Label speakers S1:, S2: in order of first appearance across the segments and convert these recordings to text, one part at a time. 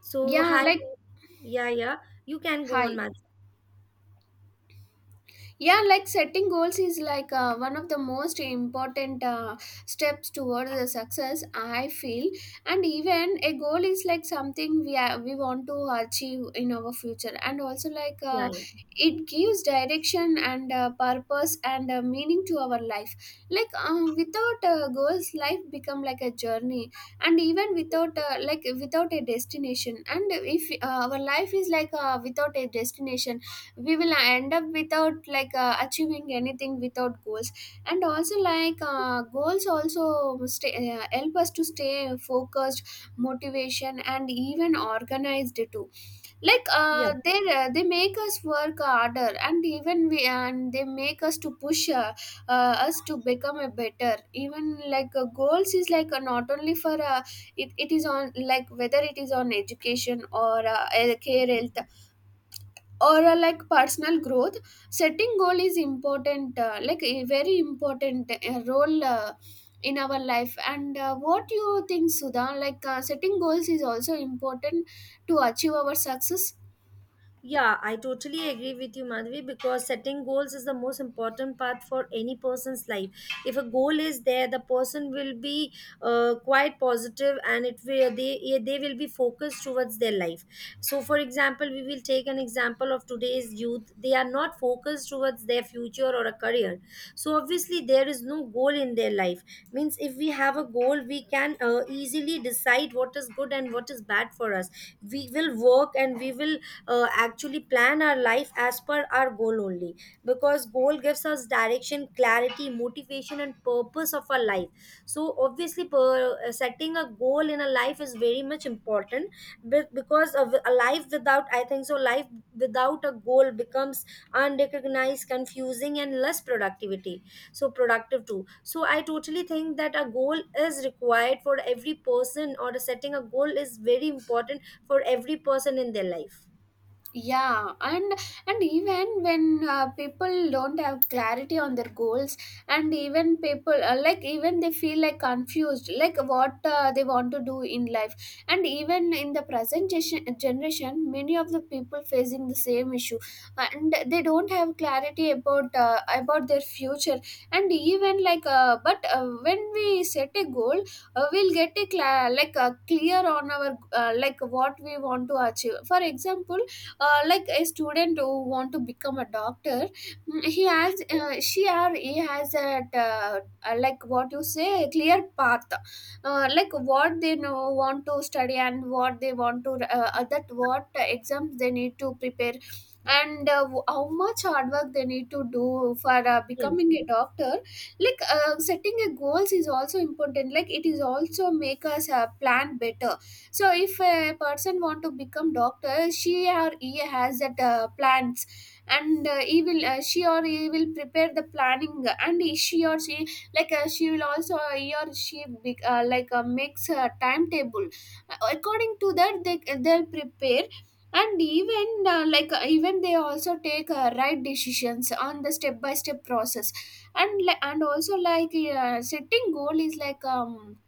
S1: So
S2: yeah
S1: hi,
S2: like
S1: yeah, yeah, you can go on,
S2: hi
S1: Madhu.
S2: yeah like setting goals is like one of the most important steps towards the success I feel. And even a goal is like something we want to achieve in our future, and also
S1: Yeah, yeah,
S2: it gives direction and purpose and meaning to our life. Like, without goals life become like a journey, and even without a destination. And if our life is like without a destination, we will end up without achieving anything without goals. And also goals also help us to stay focused, motivation, and even organized too. like uh,
S1: yeah.
S2: they uh, they make us work harder, and even we and they make us to push us to become a better. Even like, goals is like, not only for it is on, like whether it is on education or care, health, or personal growth. Setting goal is important, like a very important role in our life. And what you think, Sudha, setting goals is also important to achieve our success?
S1: Yeah, I totally agree with you, Madhvi, because setting goals is the most important part for any person's life. If a goal is there, the person will be quite positive and it will they yeah, they will be focused towards their life. So, for example, we will take an example of today's youth. They are not focused towards their future or a career. So obviously, there is no goal in their life. Means if we have a goal, we can easily decide what is good and what is bad for us. We will work and we will actually plan our life as per our goal only, because goal gives us direction, clarity, motivation and purpose of our life. So obviously, setting a goal in a life is very much important because of a life without, I think so, life without a goal becomes unrecognized, confusing and less productivity, so productive too. So I totally think that a goal is required for every person, or setting a goal is very important for every person in their life.
S2: Yeah and and even when people don't have clarity on their goals, and even people, even they feel like confused, like what they want to do in life. And even in the present generation many of the people facing the same issue, and they don't have clarity about their future. And even like but when we set a goal, we'll get a cla like clear on our what we want to achieve. For example, a student who want to become a doctor, mm, he has she or he has a what you say clear path, like what they know want to study and what they want to that what exams they need to prepare, and how much hard work they need to do for
S1: Yes.
S2: becoming a doctor. Like, setting a goals is also important, like it is also make us plan better. So if a person want to become doctor, she or he has that plans, and he will she or he will prepare the planning, and she like she will also he or she be, like makes a timetable. According to that they'll prepare. And even even they also take right decisions on the step by step process. And also like setting goal is like um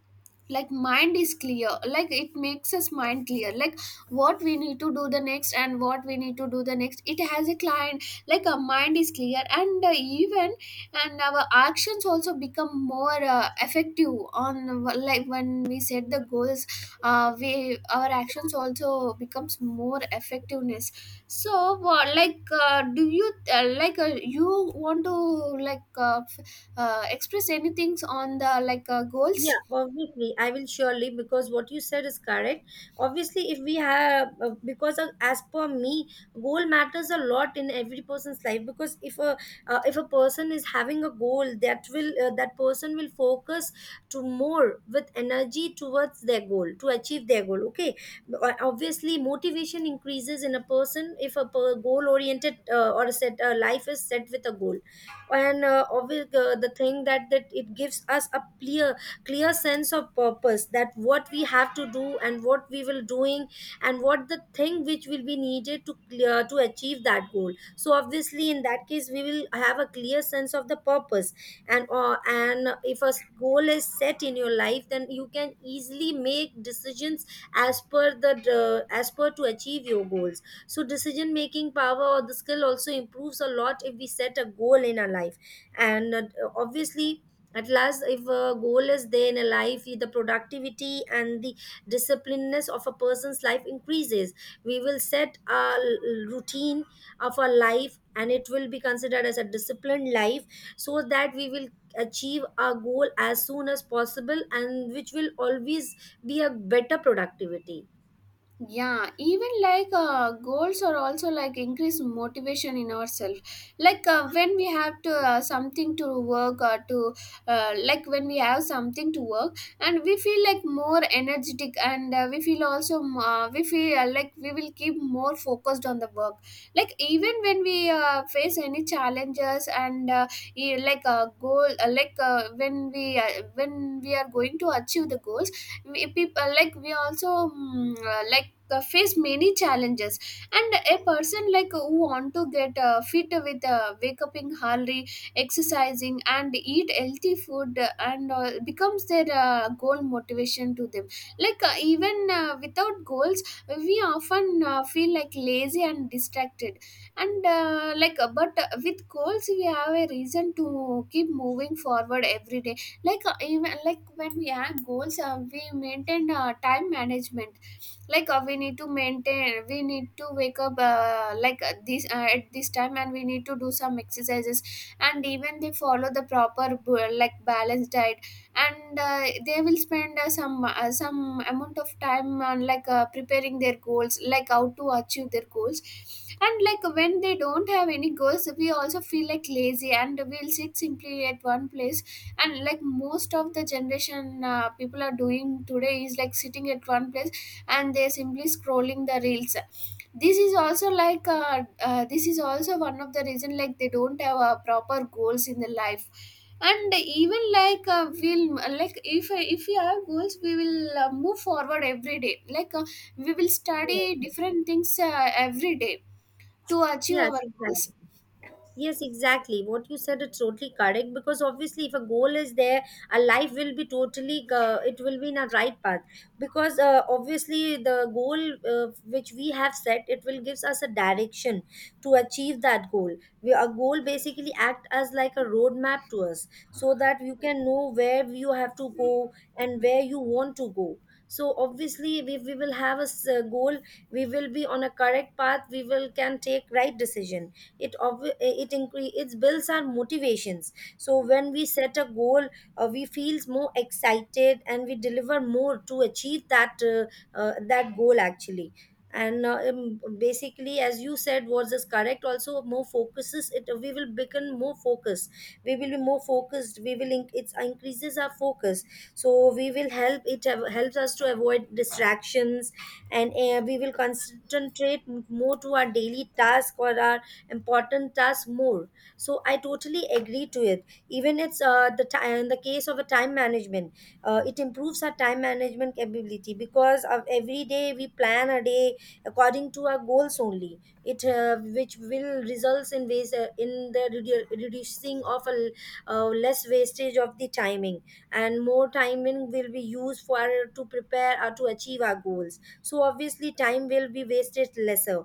S2: like mind is clear, like it makes us mind clear, like what we need to do the next and what we need to do the next, it has a client. Like our mind is clear, and even and our actions also become more effective on, like when we set the goals, we, our actions also becomes more effectiveness. So do you you want to express anything on the goals?
S1: Yeah, obviously, I will surely, because what you said is correct. Obviously, if we have because of, as per me, goal matters a lot in every person's life, because if a person is having a goal, that will that person will focus to more with energy towards their goal to achieve their goal. Okay. Obviously, motivation increases in a person if a goal oriented or set life is set with a goal, and obviously the thing that it gives us a clear clear sense of purpose, that what we have to do and what we will doing and what the thing which will be needed to clear to achieve that goal. So obviously in that case we will have a clear sense of the purpose. And and if goal is set in your life, then you can easily make decisions as per the as per to achieve your goals. So decision making power or the skill also improves a lot if we set a goal in our life. And obviously, at last, if a goal is there in a life, the productivity and the disciplineness of a person's life increases. We will set routine of our life, and it will be considered as a disciplined life, so that we will achieve our goal as soon as possible, and which will always be a better productivity.
S2: Yeah, even like, goals are also like increase motivation in ourselves. Like when we have to something to work or to when we have something to work, and we feel like more energetic, and we feel like we will keep more focused on the work. Like even when we face any challenges, and like a goal, when we are going to achieve the goals, we people, like we also face many challenges. And a person like who want to get fit with wake up in early, exercising and eat healthy food, and becomes their goal, motivation to them. Like uh, even uh, without goals we often feel like lazy and distracted. And like but with goals we have a reason to keep moving forward every day. Like, when we have goals, we maintain time management. Like, we need to wake up like this at this time and we need to do some exercises, and even they follow the proper balanced diet, and they will spend some amount of time on preparing their goals, like how to achieve their goals. And like when they don't have any goals, we also feel like lazy and we'll sit simply at one place. And like most of the generation people are doing today is like sitting at one place and they're simply scrolling the reels. This is also like, this is also one of the reason, like they don't have proper goals in the life. And even like, if we have goals, we will move forward every day. Like, we will study
S1: Yes.
S2: different things every day to achieve
S1: Yes,
S2: our goals.
S1: exactly. Yes, exactly. What you said is totally correct, because obviously, if a goal is there, a life will be totally, it will be in a right path. Because obviously, the goal which we have set, it will gives us a direction to achieve that goal. We, a goal basically act as like a roadmap to us, so that you can know where you have to go and where you want to go. So obviously, if we will have a goal, we will be on a correct path. We will can take right decision. It obvi- it incre- It builds our motivations. So when we set a goal, we feels more excited and we deliver more to achieve that that goal actually. And basically, as you said was is correct, also more focuses it, we will become more focused, we will be more focused, we will it increases our focus. So we will help it have, helps us to avoid distractions, and we will concentrate more to our daily task or our important tasks more. So I totally agree to it. Even it's in the case of a time management, it improves our time management capability, because of every day we plan a day according to our goals only. It which will results in waste in the reducing of less wastage of the timing, and more timing will be used for to prepare or to achieve our goals. So obviously time will be wasted lesser.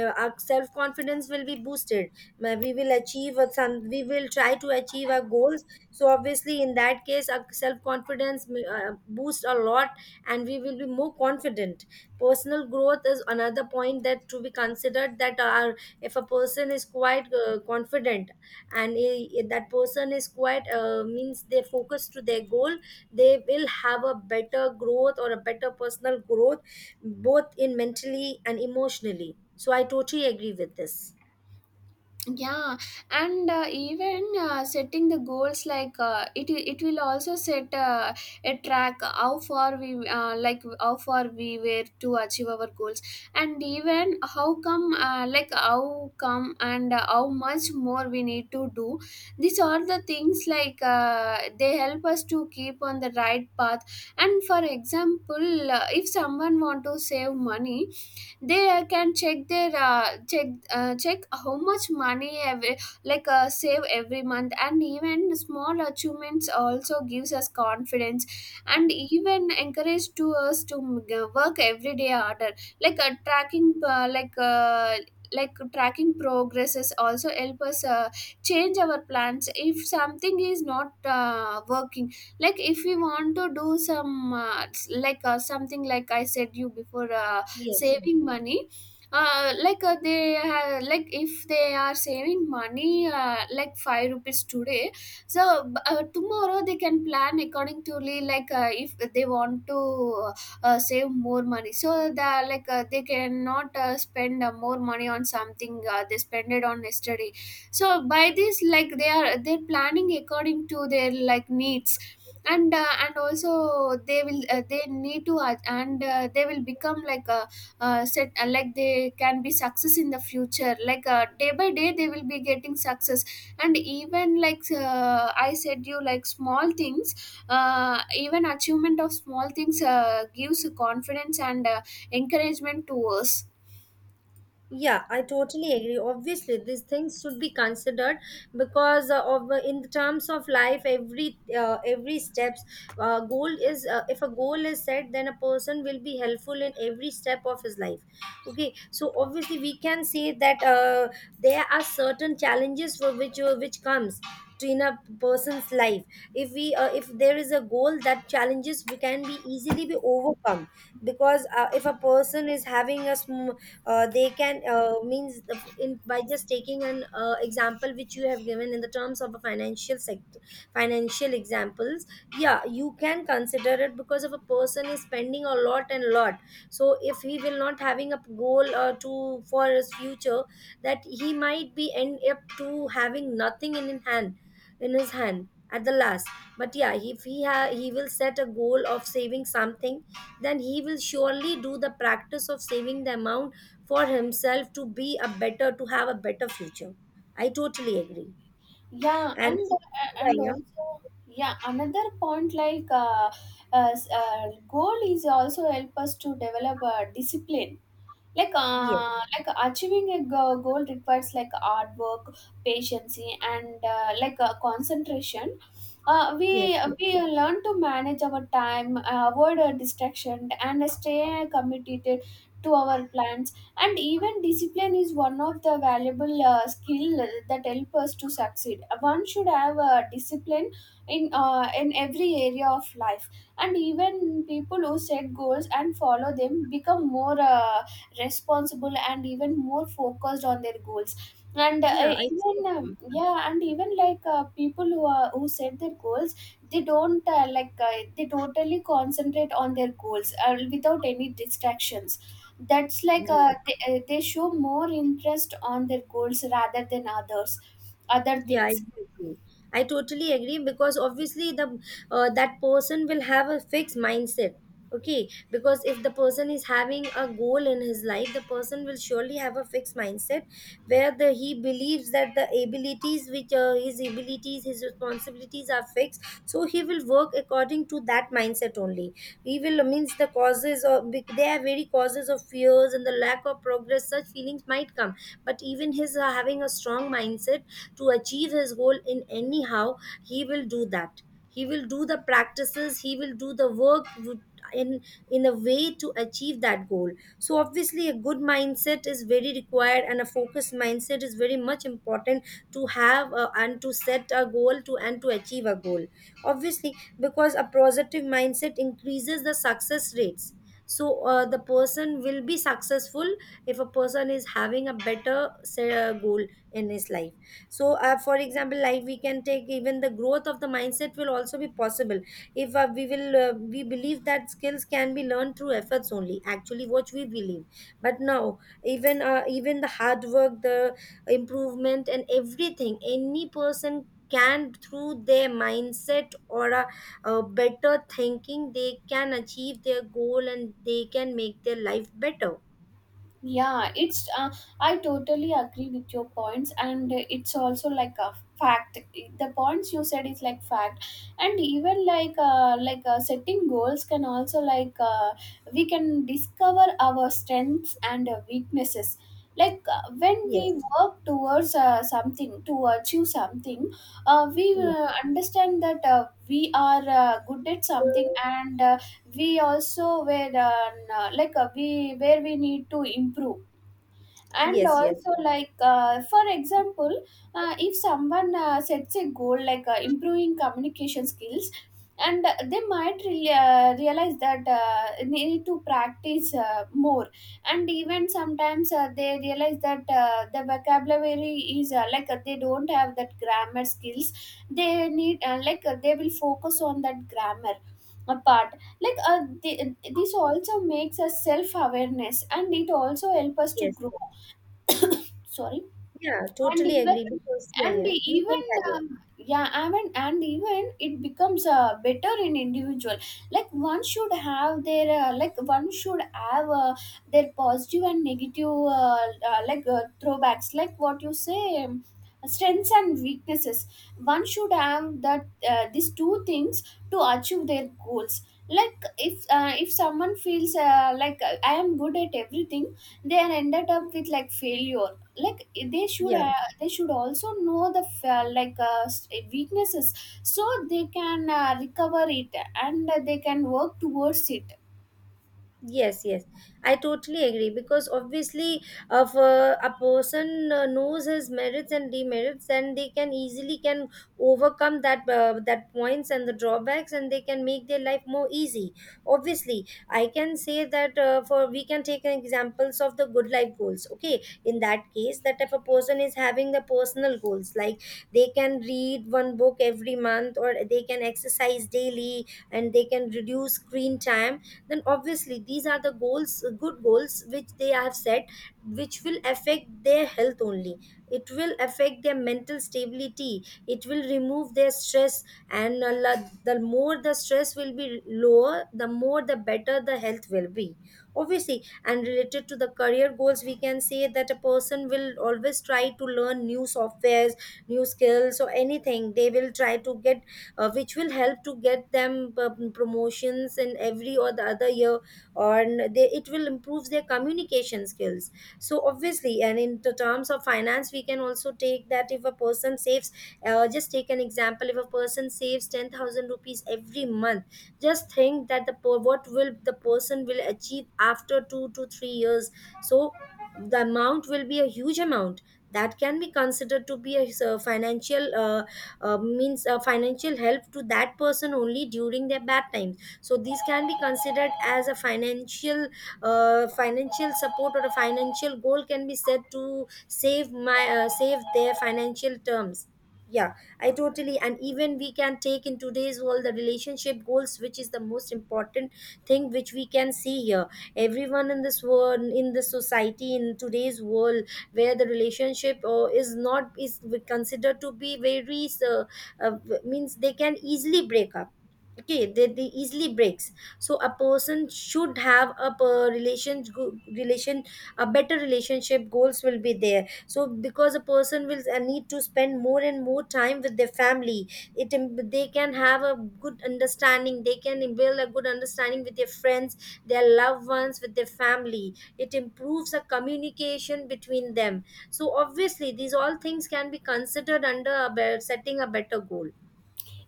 S1: Our self confidence will be boosted. We will achieve a some, we will try to achieve our goals, so obviously in that case our self confidence boost a lot, and we will be more confident. Personal growth is another point that to be considered, that our if a person is quite confident, and if that person is quite means they focus to their goal, they will have a better growth or a better personal growth, both in mentally and emotionally. So I totally agree with this.
S2: Yeah and even setting the goals, like it will also set a track how far we like how far we were to achieve our goals, and even how come and how much more we need to do. These are the things like, they help us to keep on the right path. And for example if someone want to save money, they can check their check how much money every, like save every month. And even small achievements also gives us confidence, and even encourage to us to work every day harder. Like uh, tracking uh, like uh, like tracking progresses also help us change our plans if something is not working. Like if we want to do some something like I said you before,
S1: Yes. Yes.
S2: saving money, like they ha- like if they are saving money, like 5 rupees today, so tomorrow they can plan according to if they want to save more money, so that they cannot spend more money on something they spend it on yesterday. So by this, like they're planning according to their like needs. And also they need to ad- and they will become like a set like they can be success in the future. Like, day by day they will be getting success. And even like, I said you like small things, even achievement of small things gives confidence and encouragement to us.
S1: Yeah, I totally agree. Obviously, these things should be considered, because of in the terms of life, every steps goal is if a goal is set, then a person will be helpful in every step of his life. Okay, so obviously we can say that there are certain challenges for which comes to in a person's life. If there is a goal, that challenges we can be easily be overcome, because if a person is having they can means in by just taking an example which you have given in the terms of a financial sector, financial examples. Yeah, you can consider it, because if a person is spending a lot and lot, so if he will not having a goal to for his future, that he might be end up to having nothing in his hand, in his hand at the last. But yeah, if he will set a goal of saving something, then he will surely do the practice of saving the amount for himself to be a better to have a better future. I totally agree.
S2: yeah
S1: And
S2: and uh,
S1: yeah,
S2: and
S1: yeah,
S2: also, yeah, another point, uh, s- uh, goal is also help us to develop discipline. like
S1: yes,
S2: uh, like achieving a goal requires like hard work, patience, and concentration. uh, we
S1: yes, yes.
S2: we learn to manage our time, avoid distraction, and stay committed to our plans. And even discipline is one of the valuable skill that help us to succeed. One should have discipline in in every area of life. And even people who set goals and follow them become more responsible and even more focused on their goals. And
S1: Yeah, I
S2: even
S1: totally agree.
S2: yeah and even like, people who are who set their goals, they don't they totally concentrate on their goals without any distractions. That's like uh,
S1: Yes.
S2: they, uh, they show more interest on their goals rather than others, other
S1: Yeah,
S2: things.
S1: exactly. I totally agree, because obviously the that person will have a fixed mindset. Okay, because if the person is having a goal in his life, the person will surely have a fixed mindset, where the he believes that the abilities which his abilities, his responsibilities are fixed. So he will work according to that mindset only. He will means the causes of there are very causes of fears and the lack of progress. Such feelings might come, but even his having a strong mindset to achieve his goal in anyhow, he will do that. He will do the practices, he will do the work in in a way to achieve that goal. So obviously a good mindset is very required, and a focused mindset is very much important to have and to set a goal to and to achieve a goal obviously, because a positive mindset increases the success rates. So the person will be successful if a person is having a better say, goal in his life. So for example, like we can take, even the growth of the mindset will also be possible if we believe that skills can be learned through efforts only, actually what we believe. But now even even the hard work, the improvement and everything, any person can through their mindset or a better thinking, they can achieve their goal and they can make their life better.
S2: Yeah, it's I totally agree with your points, and it's also like a fact. The points you said is like fact. And even like, setting goals can also we can discover our strengths and weaknesses. Like, when we
S1: Yes,
S2: work towards something to achieve something, we understand that we are good at something and. We also were we where we need to improve, and
S1: yes, yes,
S2: also
S1: yes,
S2: for example if someone sets a goal improving communication skills, and they might really, realize that they need to practice more. And even sometimes they realize that the vocabulary is they don't have that grammar skills. They need they will focus on that grammar part. This also makes us self awareness and it also help us to
S1: yes.
S2: grow. Sorry.
S1: Yeah,
S2: And
S1: totally
S2: even,
S1: agree, because yeah,
S2: and
S1: yeah, you can
S2: even
S1: carry on.
S2: yeah, and even it becomes better in individual. Like one should have their like one should have their positive and negative, throwbacks, like what you say, strengths and weaknesses. One should have that these two things to achieve their goals. Like if someone feels I am good at everything, they end up with like failure. like they should
S1: Yeah.
S2: uh, they should also know the weaknesses, so they can recover it and they can work towards it.
S1: Yes, yes, I totally agree, because obviously, if a person knows his merits and demerits, then they can easily can overcome that that points and the drawbacks, and they can make their life more easy. Obviously, I can say that for we can take an examples of the good life goals. Okay, in that case, that if a person is having the personal goals, like they can read one book every month, or they can exercise daily, and they can reduce screen time, then obviously these are the goals good goals which they have set, which will affect their health only. It will affect their mental stability. It will remove their stress. And the more the stress will be lower, the more the better the health will be, obviously. And related to the career goals, we can say that a person will always try to learn new softwares, new skills, or anything they will try to get, which will help to get them promotions in every or the other year, or it will improve their communication skills. So obviously, and in the terms of finance, we can also take that if a person saves, just take an example, if a person saves 10,000 rupees every month. Just think that what will the person will achieve after 2 to 3 years. So the amount will be a huge amount that can be considered to be a financial, means, financial help to that person only during their bad times. So these can be considered as a financial support, or a financial goal can be set to save my save their financial terms, yeah. I totally And even we can take, in today's world, the relationship goals, which is the most important thing which we can see here. Everyone in this world, in the society, in today's world, where the relationship is not is considered to be very uh, means, they can easily break up. Okay, they easily breaks. So a person should have a per- relation go- relation a better relationship goals will be there. So because a person will need to spend more and more time with their family. They can have a good understanding. They can build a good understanding with their friends, their loved ones, with their family. It improves a communication between them. So obviously these all things can be considered under setting a better goal.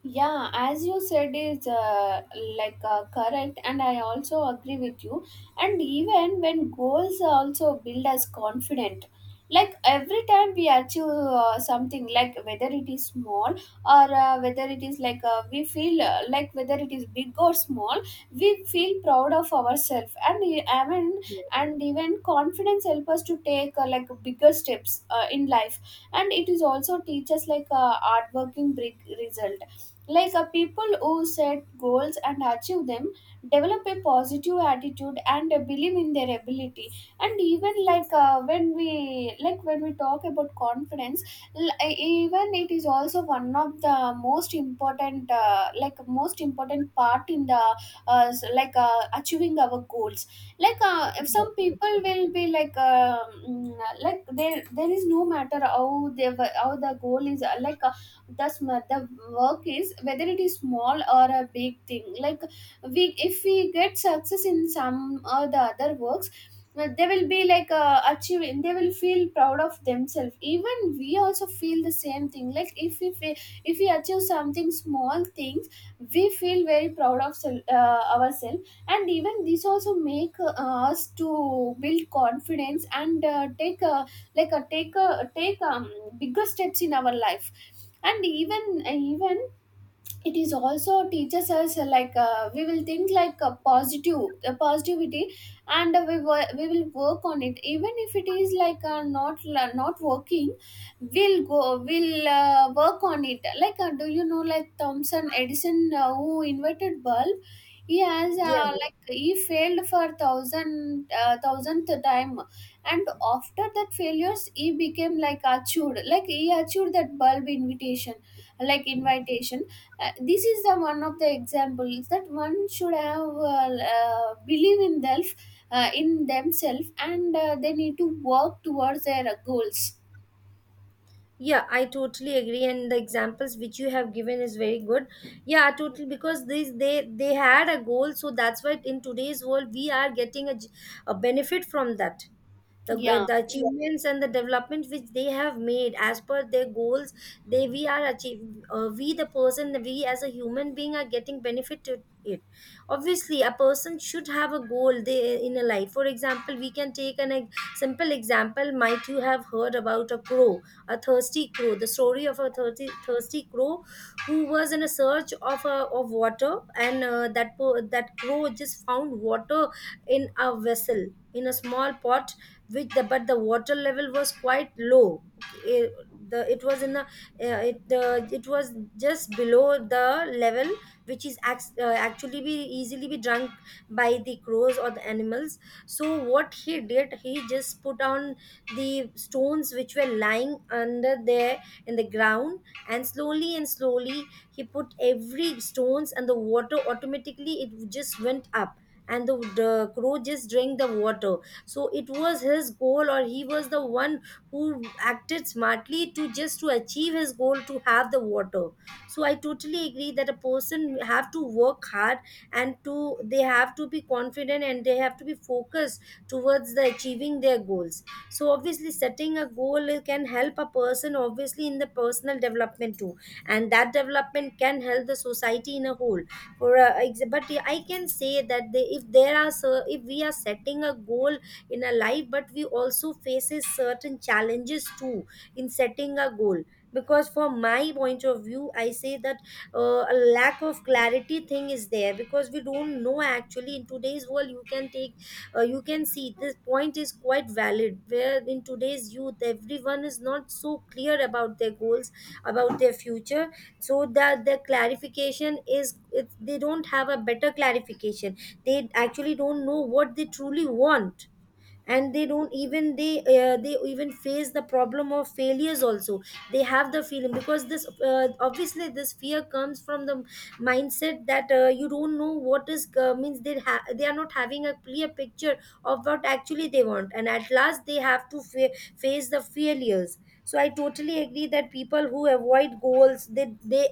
S2: Yeah, as you said is correct, and I also agree with you. And even when goals also build us confident, like every time we achieve something, like whether it is small or whether it is we feel like whether it is big or small, we feel proud of ourselves. I mean,
S1: Yeah,
S2: and even confidence help us to take like bigger steps in life. And it is also teach us hardworking working big result, like a people who set goals and achieve them develop a positive attitude and believe in their ability. And even when we talk about confidence, l- e, even it is also one of the most important, most important part in the achieving our goals. If some people will be mm, like there is no matter how they how the goal is, thus the work is whether it is small or a big thing. Like we, if we get success in some or the other works, they will be achieving, they will feel proud of themselves. Even we also feel the same thing, like if we achieve something small things, we feel very proud of ourselves. And even this also make us to build confidence, and take a, like a take bigger steps in our life. And even it is also teaches us we will think like a positive, a positivity. And we will work on it even if it is not, not working, we'll go we'll work on it. Do you know like Thomson Edison, who invented bulb? He has,
S1: yeah.
S2: he failed for thousand, thousandth time. And after that failures he became like achieved, like he achieved that bulb invitation, like invitation. This is the one of the examples that one should have, believe in self, in themselves, and they need to work towards their goals.
S1: Yeah, I totally agree, and the examples which you have given is very good. Yeah, totally, because these they had a goal, so that's why in today's world we are getting a benefit from that, the, uh,
S2: Yeah.
S1: the achievements and the development which they have made as per their goals. They We are achieving, we, the person, we as a human being, are getting benefit to it. Obviously a person should have a goal they in a life. For example, we can take simple example. Might you have heard about a crow, a thirsty crow, the story of a thirsty, thirsty crow who was in a search of of water. And that crow just found water in a vessel, in a small pot, which but the water level was quite low. it, it was in a it was just below the level, which is actually be easily be drunk by the crows or the animals. So what he did, he just put on the stones which were lying under there, in the ground. And slowly and slowly he put every stones, and the water automatically it just went up. And the crow just drank the water. So it was his goal, or he was the one who acted smartly to just to achieve his goal to have the water. So I totally agree that a person have to work hard, and to they have to be confident, and they have to be focused towards the achieving their goals. So obviously setting a goal can help a person obviously in the personal development too, and that development can help the society in a whole. For but I can say that if there are, so if we are setting a goal in our life, but we also faces certain challenges too in setting a goal. Because from my point of view I say that a lack of clarity thing is there, because we don't know. Actually, in today's world you can take, you can see this point is quite valid, where in today's youth everyone is not so clear about their goals, about their future. So that the clarification is they don't have a better clarification. They actually don't know what they truly want, and they don't even they even face the problem of failures also. They have the feeling, because this obviously this fear comes from the mindset that you don't know what is means they are not having a clear picture of what actually they want, and at last they have to face the failures. So I totally agree that people who avoid goals, they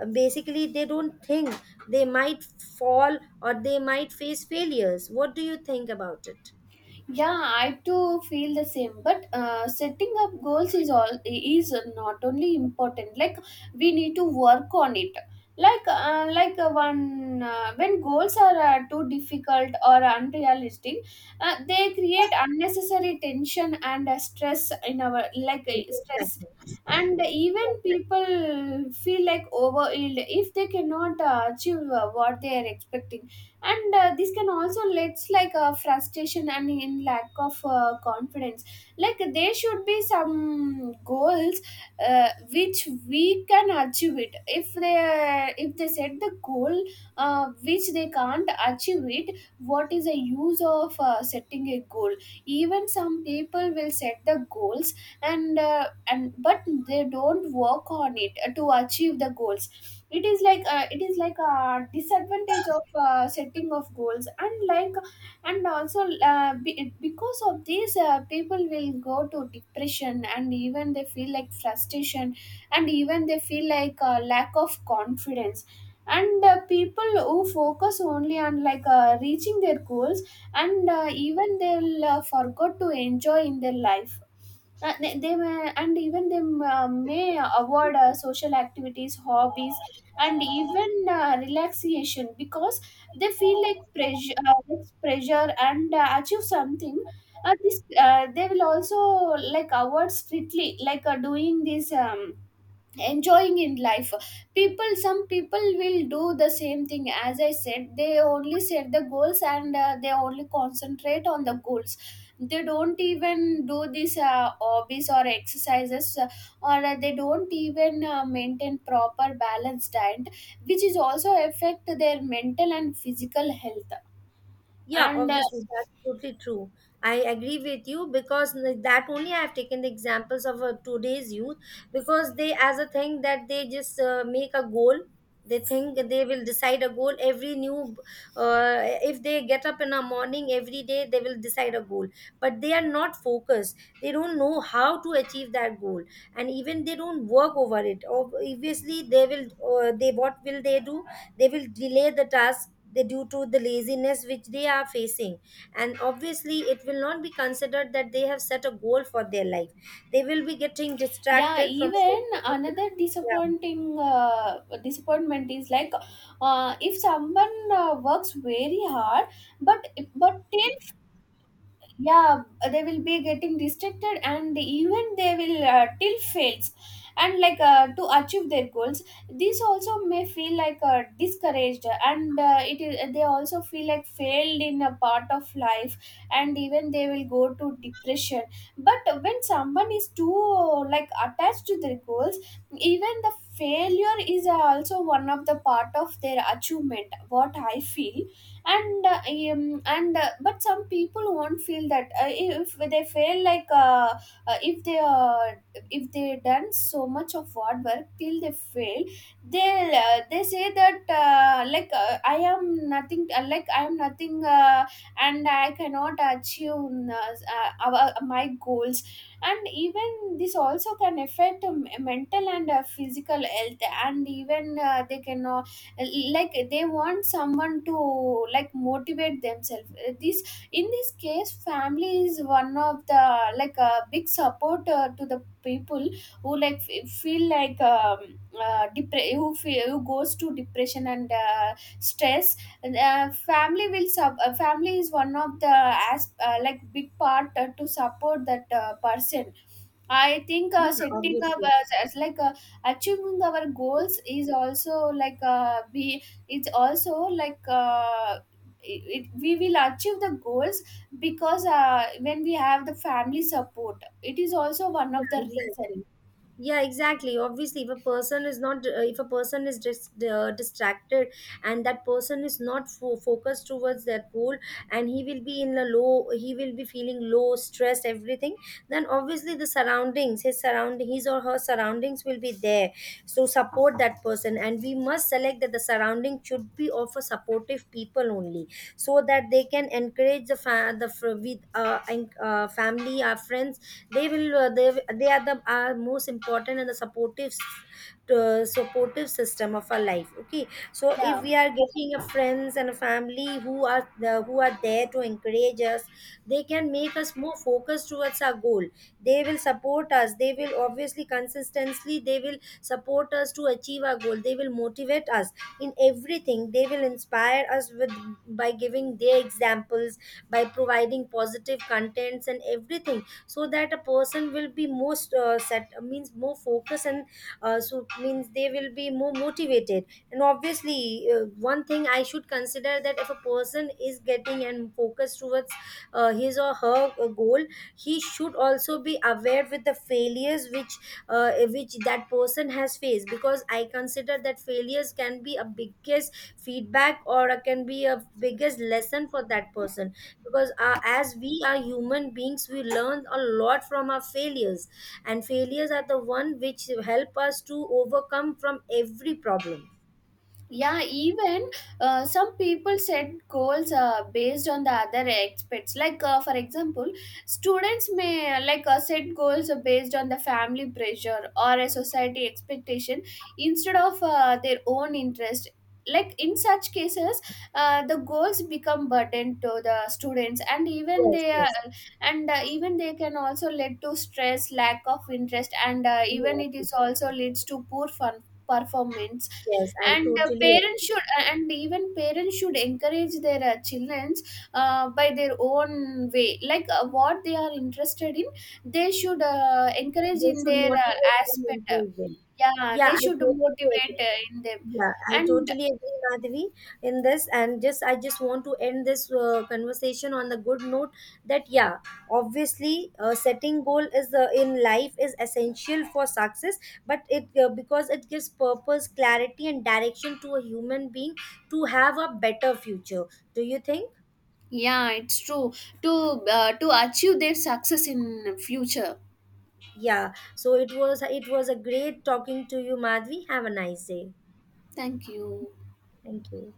S1: basically they don't think they might fall or they might face failures. What do you think about it?
S2: Yeah, I too feel the same, but setting up goals is all is not only important, like we need to work on it. Like one when goals are too difficult or unrealistic, they create unnecessary tension and stress in our,
S1: Yes,
S2: stress.
S1: exactly.
S2: And even
S1: Exactly.
S2: people feel like overwhelmed if they cannot achieve what they are expecting. And this can also leads frustration and in lack of confidence. Like there should be some goals which we can achieve it. If they set the goal which they can't achieve it, what is the use of setting a goal? Even some people will set the goals, and but they don't work on it to achieve the goals. It is like a disadvantage of setting of goals. And like and also because of this people will go to depression, and even they feel like frustration, and even they feel like a lack of confidence. And people who focus only on reaching their goals, and even they'll forgot to enjoy in their life. They may, and even they may avoid social activities, hobbies, and even relaxation because they feel like pressure, pressure and achieve something. This they will also like avoid strictly doing this, enjoying in life. People some people will do the same thing as I said, they only set the goals, and they only concentrate on the goals. They don't even do these hobbies or exercises or they don't even maintain proper balanced diet, which is also affect their mental and physical health.
S1: Yeah,
S2: And
S1: obviously, that's totally true. I agree with you, because that only I have taken the examples of today's youth, because they, as a thing, that they just make a goal. They think they will decide a goal every new, uh, if they get up in a morning every day, they will decide a goal. But they are not focused. They don't know how to achieve that goal, and even they don't work over it. Obviously, they will. They, what will they do? They will delay the task, they, due to the laziness which they are facing. And obviously it will not be considered that they have set a goal for their life. They will be getting
S2: yeah,
S1: distracted from
S2: even
S1: social media.
S2: another
S1: Yeah.
S2: disappointing, disappointment is like if someone works very hard, but but till, yeah, they will be getting restricted, and even they will till fails and like to achieve their goals. These also may feel discouraged, and it is they also feel like failed in a part of life, and even they will go to depression. But when someone is too attached to their goals, even the failure is also one of the part of their achievement, what I feel. And uh, and but some people won't feel that. If they feel like uh, if they uh, if they done so much of hard work till they fail, they say that, I am nothing, like I am nothing, and I cannot achieve my goals. And even this also can affect mental and physical health. And even they want someone to like motivate themselves. This in this case family is one of the like a big support to the people who feel like who goes to depression and stress. And, family will sub family is one of the as like big part to support that person. I think setting up as like a achieving our goals is also like be it's also, like uh, we will achieve the goals because when we have the family support, it is also one of
S1: Yeah,
S2: the reason.
S1: exactly. Yeah, exactly, obviously, if a person is not, if a person is distracted, and that person is not focused towards that goal, and he will be in a low, he will be feeling low, stressed, everything, then obviously the surroundings, his surrounding, his or her surroundings will be there, so support that person. And we must select that the surrounding should be of a supportive people only, so that they can encourage the fa- the fr- with en- family, our friends. They will they are the are most important and the supportive to, supportive system of our life, okay. So
S2: Yeah.
S1: if we are getting a friends and a family who are who are there to encourage us, they can make us more focused towards our goal. They will support us, they will obviously consistently they will support us to achieve our goal. They will motivate us in everything. They will inspire us with, by giving their examples, by providing positive contents and everything, so that a person will be most set, means more focused, and so means they will be more motivated. And obviously one thing I should consider, that if a person is getting and focused towards his or her goal, he should also be aware with the failures which that person has faced, because I consider that failures can be a biggest feedback, or can be a biggest lesson for that person. Because as we are human beings we learn a lot from our failures, and failures are the one which help us to overcome from every problem.
S2: Yeah, even some people set goals based on the other aspects, for example, students may set goals based on the family pressure or a society expectation instead of their own interest. Like in such cases the goals become burden to the students,
S1: Yes, yes,
S2: and even they can also lead to stress, lack of interest, and even it
S1: yes,
S2: is also leads to poor fun performance.
S1: yes, I
S2: And
S1: totally
S2: parents
S1: agree.
S2: should and even parents should encourage their children by their own way, what they are interested in, they should encourage
S1: They
S2: in
S1: should
S2: their uh,
S1: motivate them,
S2: aspect uh,
S1: improve them.
S2: yeah,
S1: Yeah,
S2: they
S1: I
S2: should
S1: totally
S2: motivate
S1: agree.
S2: in them.
S1: Yeah, I
S2: And
S1: totally agree, Madhavi, in this. And just I just want to end this conversation on the good note that, yeah, obviously, setting goal is in life is essential for success, but it because it gives purpose, clarity, and direction to a human being to have a better future. Do you think?
S2: yeah, it's true, to to achieve their success in future.
S1: Yeah. So it was, it was a great talking to you, Madhavi. Have a nice day.
S2: Thank you.
S1: Thank you.